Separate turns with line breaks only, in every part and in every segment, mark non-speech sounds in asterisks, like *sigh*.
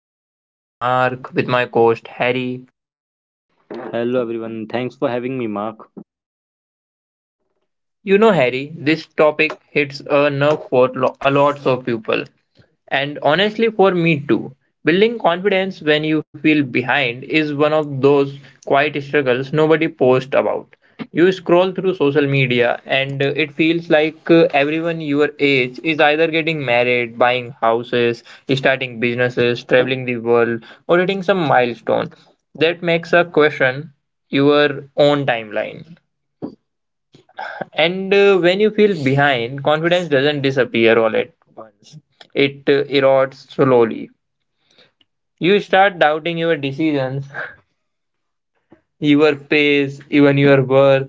I'm your host, Mark, with my co host, Harry.
Hello everyone, thanks for having me, Mark.
You know, Harry, this topic hits a nerve for a lots of people. And honestly, for me too. Building confidence when you feel behind is one of those quiet struggles nobody posts about. You scroll through social media and it feels like everyone your age is either getting married, buying houses, starting businesses, traveling the world, or hitting some milestone. That makes a question your own timeline. And When you feel behind, confidence doesn't disappear all at once. It erodes slowly. You start doubting your decisions, *laughs* your pace, even your worth.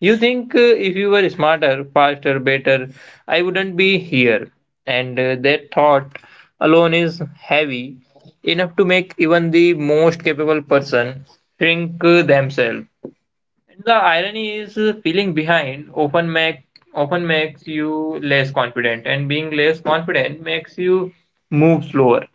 You think if you were smarter, faster, better, I wouldn't be here. And That thought alone is heavy, enough to make even the most capable person shrink themselves. And the irony is feeling behind often make often makes you less confident, and being less confident makes you move slower,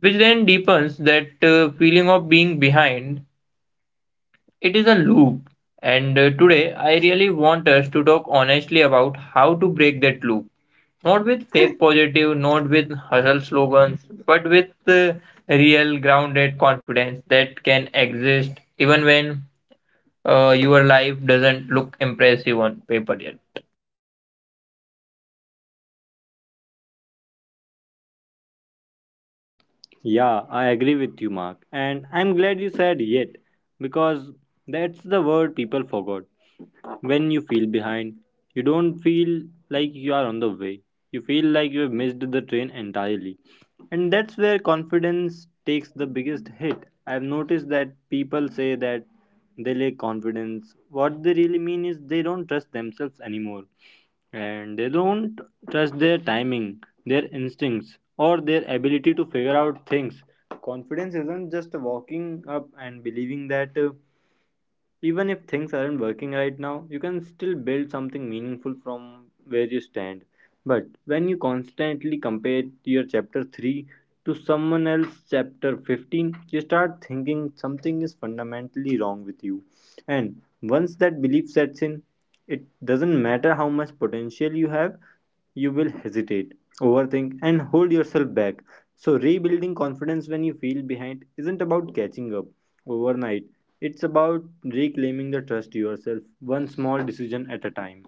which then deepens that feeling of being behind. It is a loop. And Today, I really want us to talk honestly about how to break that loop. Not with fake *laughs* positive, not with hustle slogans, but with real grounded confidence that can exist even when your life doesn't look impressive on paper yet.
Yeah, I agree with you, Mark. And I'm glad you said yet, because that's the word people forgot. When you feel behind, you don't feel like you are on the way. You feel like you have missed the train entirely. And that's where confidence takes the biggest hit. I've noticed that people say that they lack confidence, what they really mean is they don't trust themselves anymore, and they don't trust their timing, their instincts, or their ability to figure out things. Confidence isn't just walking up and believing that, even if things aren't working right now, you can still build something meaningful from where you stand. But when you constantly compare your chapter 3 to someone else's chapter 15, you start thinking something is fundamentally wrong with you. And once that belief sets in, it doesn't matter how much potential you have, you will hesitate, overthink, and hold yourself back. So, rebuilding confidence when you feel behind isn't about catching up overnight. It's about reclaiming the trust yourself, one small decision at a time.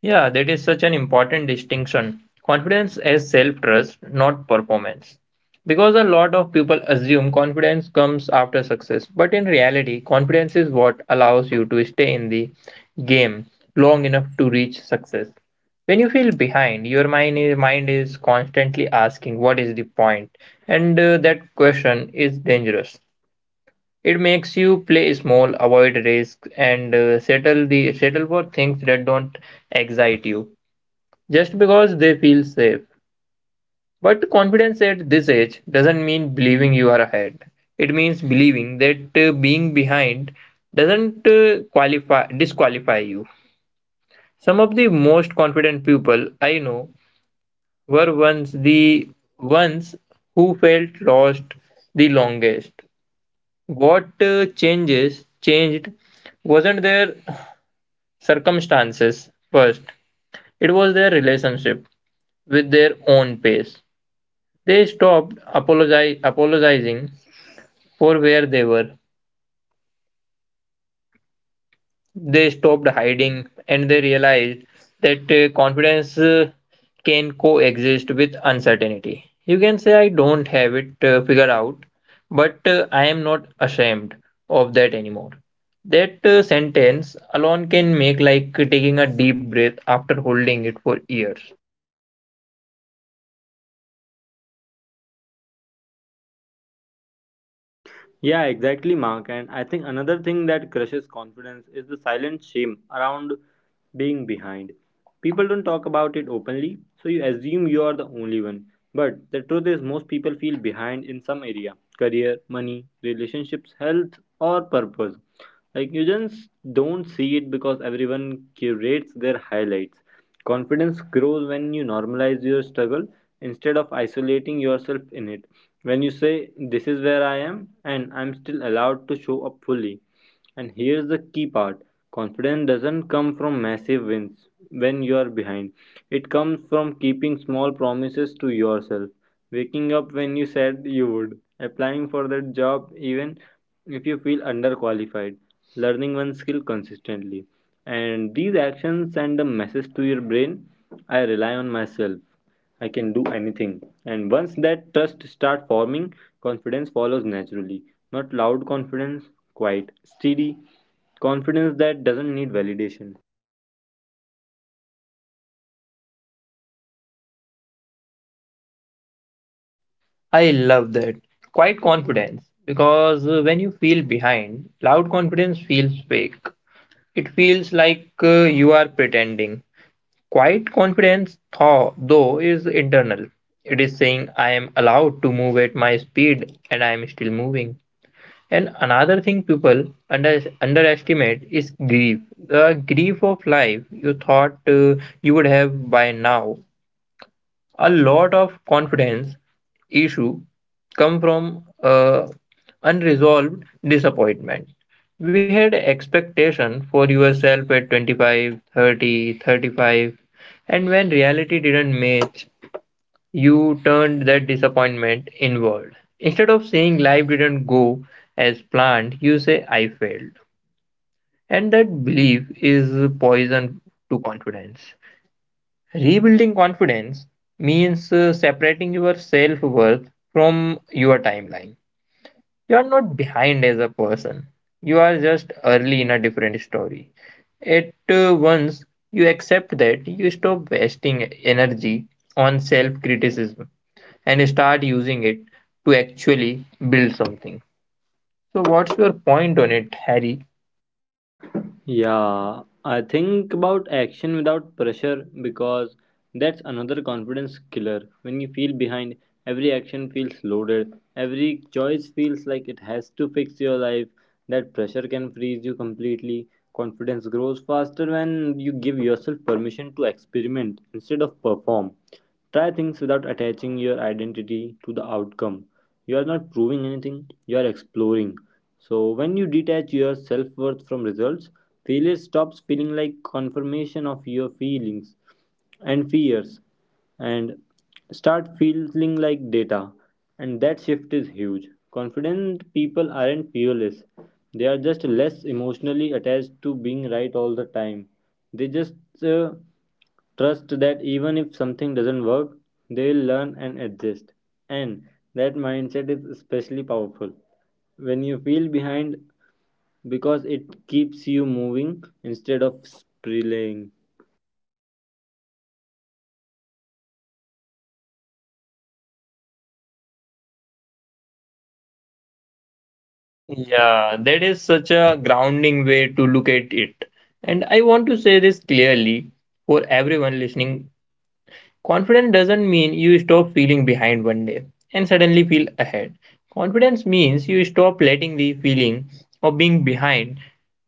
Yeah, that is such an important distinction. Confidence is self trust, not performance. Because a lot of people assume confidence comes after success, but in reality, confidence is what allows you to stay in the game long enough to reach success. When you feel behind, your mind is constantly asking, what is the point? And That question is dangerous. It makes you play small, avoid risks, and settle for things that don't excite you just because they feel safe. But confidence at this age doesn't mean believing you are ahead. It means believing that being behind doesn't qualify disqualify you. Some of the most confident people I know were once the ones who felt lost the longest. What changes changed wasn't their circumstances first. It was their relationship with their own pace. They apologizing for where they were. They stopped hiding and they realized that confidence can coexist with uncertainty. You can say, I don't have it figured out, but I am not ashamed of that anymore. That sentence alone can make like taking a deep breath after holding it for years.
Yeah, exactly, Mark. And I think another thing that crushes confidence is the silent shame around being behind. People don't talk about it openly, so you assume you are the only one. But the truth is, most people feel behind in some area: career, money, relationships, health, or purpose. Like, you just don't see it because everyone curates their highlights. Confidence grows when you normalize your struggle instead of isolating yourself in it. When you say, "This is where I am, and I'm still allowed to show up fully." And here's the key part: confidence doesn't come from massive wins. When you are behind, it comes from keeping small promises to yourself: waking up when you said you would, applying for that job even if you feel underqualified, learning one skill consistently. And these actions send a message to your brain: I rely on myself, I can do anything. And once that trust starts forming, confidence follows naturally. Not loud confidence, quiet, steady confidence that doesn't need validation.
I love that. Quiet confidence. Because when you feel behind, loud confidence feels fake. It feels like you are pretending. Quiet confidence, though, is internal. It is saying, I am allowed to move at my speed and I am still moving. And another thing people underestimate is grief. The grief of life you thought you would have by now. A lot of confidence issue come from unresolved disappointment. We had expectation for yourself at 25, 30, 35, and when reality didn't match, you turned that disappointment inward. Instead of saying life didn't go as planned, you say I failed, and that belief is poison to confidence. Rebuilding confidence means separating your self worth from your timeline. You are not behind as a person, you are just early in a different story. At Once you accept that, you stop wasting energy on self criticism and start using it to actually build something. So, what's your point on it, Harry?
Yeah, I think about action without pressure, because that's another confidence killer. When you feel behind, every action feels loaded, every choice feels like it has to fix your life. That pressure can freeze you completely. Confidence grows faster when you give yourself permission to experiment instead of perform. Try things without attaching your identity to the outcome. You are not proving anything, you are exploring. So when you detach your self-worth from results, failure stops feeling like confirmation of your feelings and fears, and start feeling like data. And that shift is huge. Confident people aren't fearless, they are just less emotionally attached to being right all the time. They just uh, trust that even if something doesn't work, they will learn and adjust. And that mindset is especially powerful when you feel behind, because it keeps you moving instead of spiraling.
Yeah, that is such a grounding way to look at it. And I want to say this clearly for everyone listening. Confidence doesn't mean you stop feeling behind one day and suddenly feel ahead. Confidence means you stop letting the feeling of being behind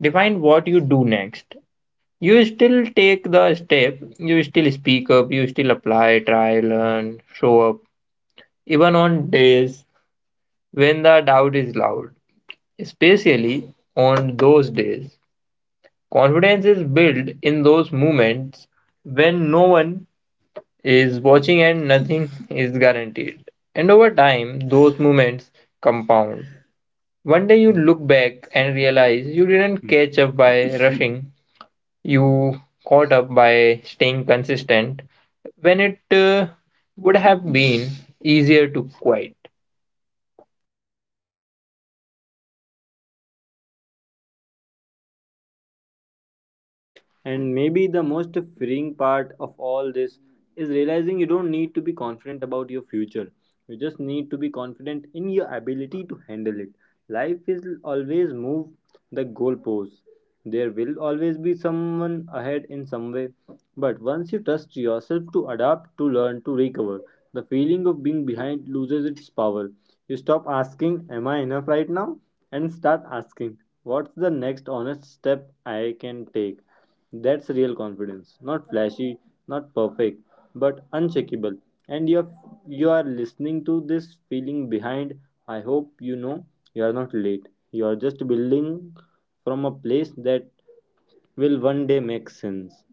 define what you do next. You still take the step, you still speak up, you still apply, try, learn, show up, even on days when the doubt is loud. Especially on those days, confidence is built in those moments when no one is watching and nothing is guaranteed. And over time, those moments compound. One day you look back and realize you didn't catch up by rushing, you caught up by staying consistent when it would have been easier to quit.
And maybe the most freeing part of all this is realizing you don't need to be confident about your future. You just need to be confident in your ability to handle it. Life will always move the goalposts. There will always be someone ahead in some way. But once you trust yourself to adapt, to learn, to recover, the feeling of being behind loses its power. You stop asking, "Am I enough right now?" and start asking, "What's the next honest step I can take?" That's real confidence. Not flashy, not perfect, but uncheckable. And if you are listening to this feeling behind, I hope you know you are not late. You are just building from a place that will one day make sense.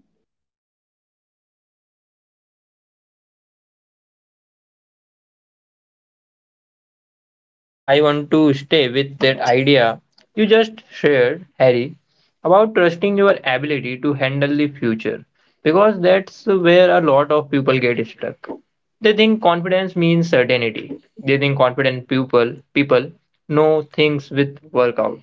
Yeah, I want to stay with that idea you just shared, Harry, about trusting your ability to handle the future, because that's where a lot of people get stuck. They think confidence means certainty. They think confident people people know things with work out.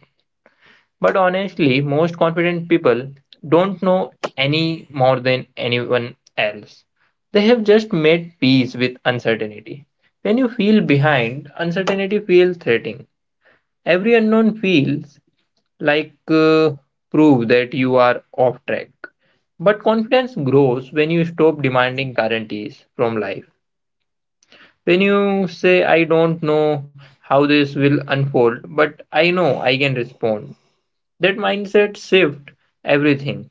But honestly, most confident people don't know any more than anyone else. They have just made peace with uncertainty. When you feel behind, uncertainty feels threatening. Every unknown feels like proof that you are off track. But confidence grows when you stop demanding guarantees from life. When you say, I don't know how this will unfold, but I know I can respond. That mindset shift everything.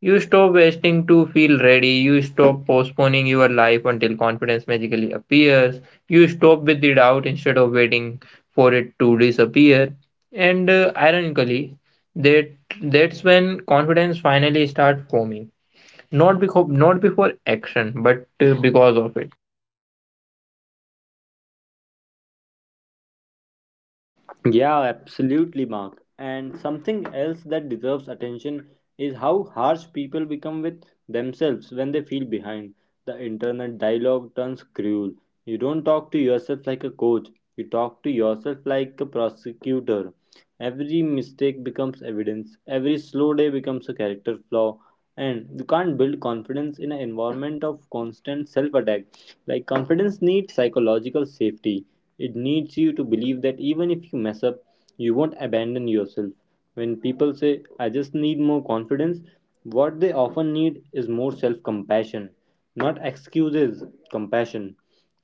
You stop waiting to feel ready. You stop postponing your life until confidence magically appears. You stop with the doubt instead of waiting for it to disappear. And ironically, that that's when confidence finally starts forming. Not before action, but because of it.
Yeah, absolutely, Mark. And something else that deserves attention is how harsh people become with themselves when they feel behind. The internet dialogue turns cruel. You don't talk to yourself like a coach, you talk to yourself like a prosecutor. Every mistake becomes evidence, every slow day becomes a character flaw, and you can't build confidence in an environment of constant self attack. Like, confidence needs psychological safety, it needs you to believe that even if you mess up, you won't abandon yourself. When people say, "I just need more confidence," what they often need is more self compassion. Not excuses, compassion.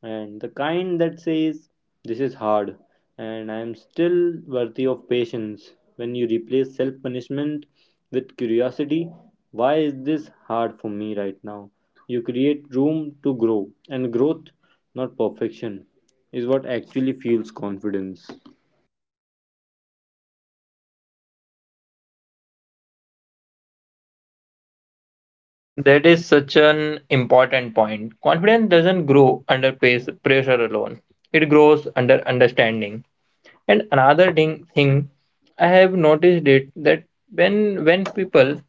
And the kind that says, "This is hard, and I am still worthy of patience." When you replace self punishment with curiosity, why is this hard for me right now? You create room to grow, and growth, not perfection, is what actually fuels confidence.
That is such an important point. Confidence doesn't grow under pressure alone. It grows under understanding. And another ding thing I have noticed it that when people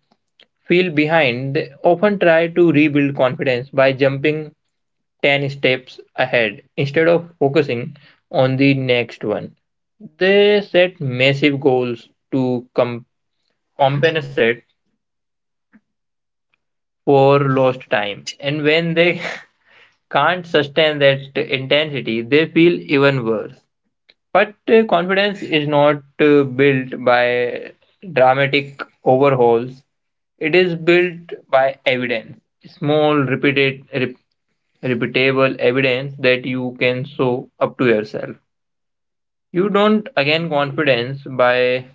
feel behind, they often try to rebuild confidence by jumping 10 steps ahead instead of focusing on the next one. They set massive goals to com- compensate for lost time. And when they *laughs* can't sustain that intensity, they feel even worse. But confidence is not built by dramatic overhauls. It is built by evidence, small, repeatable evidence that you can show up to yourself. You don't gain confidence by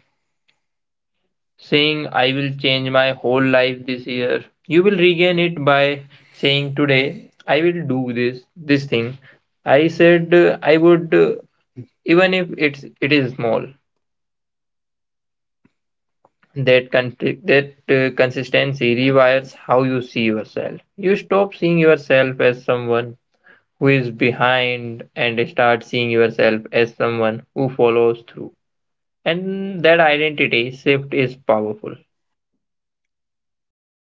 saying, I will change my whole life this year. You will regain it by saying, today, I will do this thing I said I would, even if it is small. That, con- that consistency rewires how you see yourself. You stop seeing yourself as someone who is behind and start seeing yourself as someone who follows through. And that identity shift is powerful.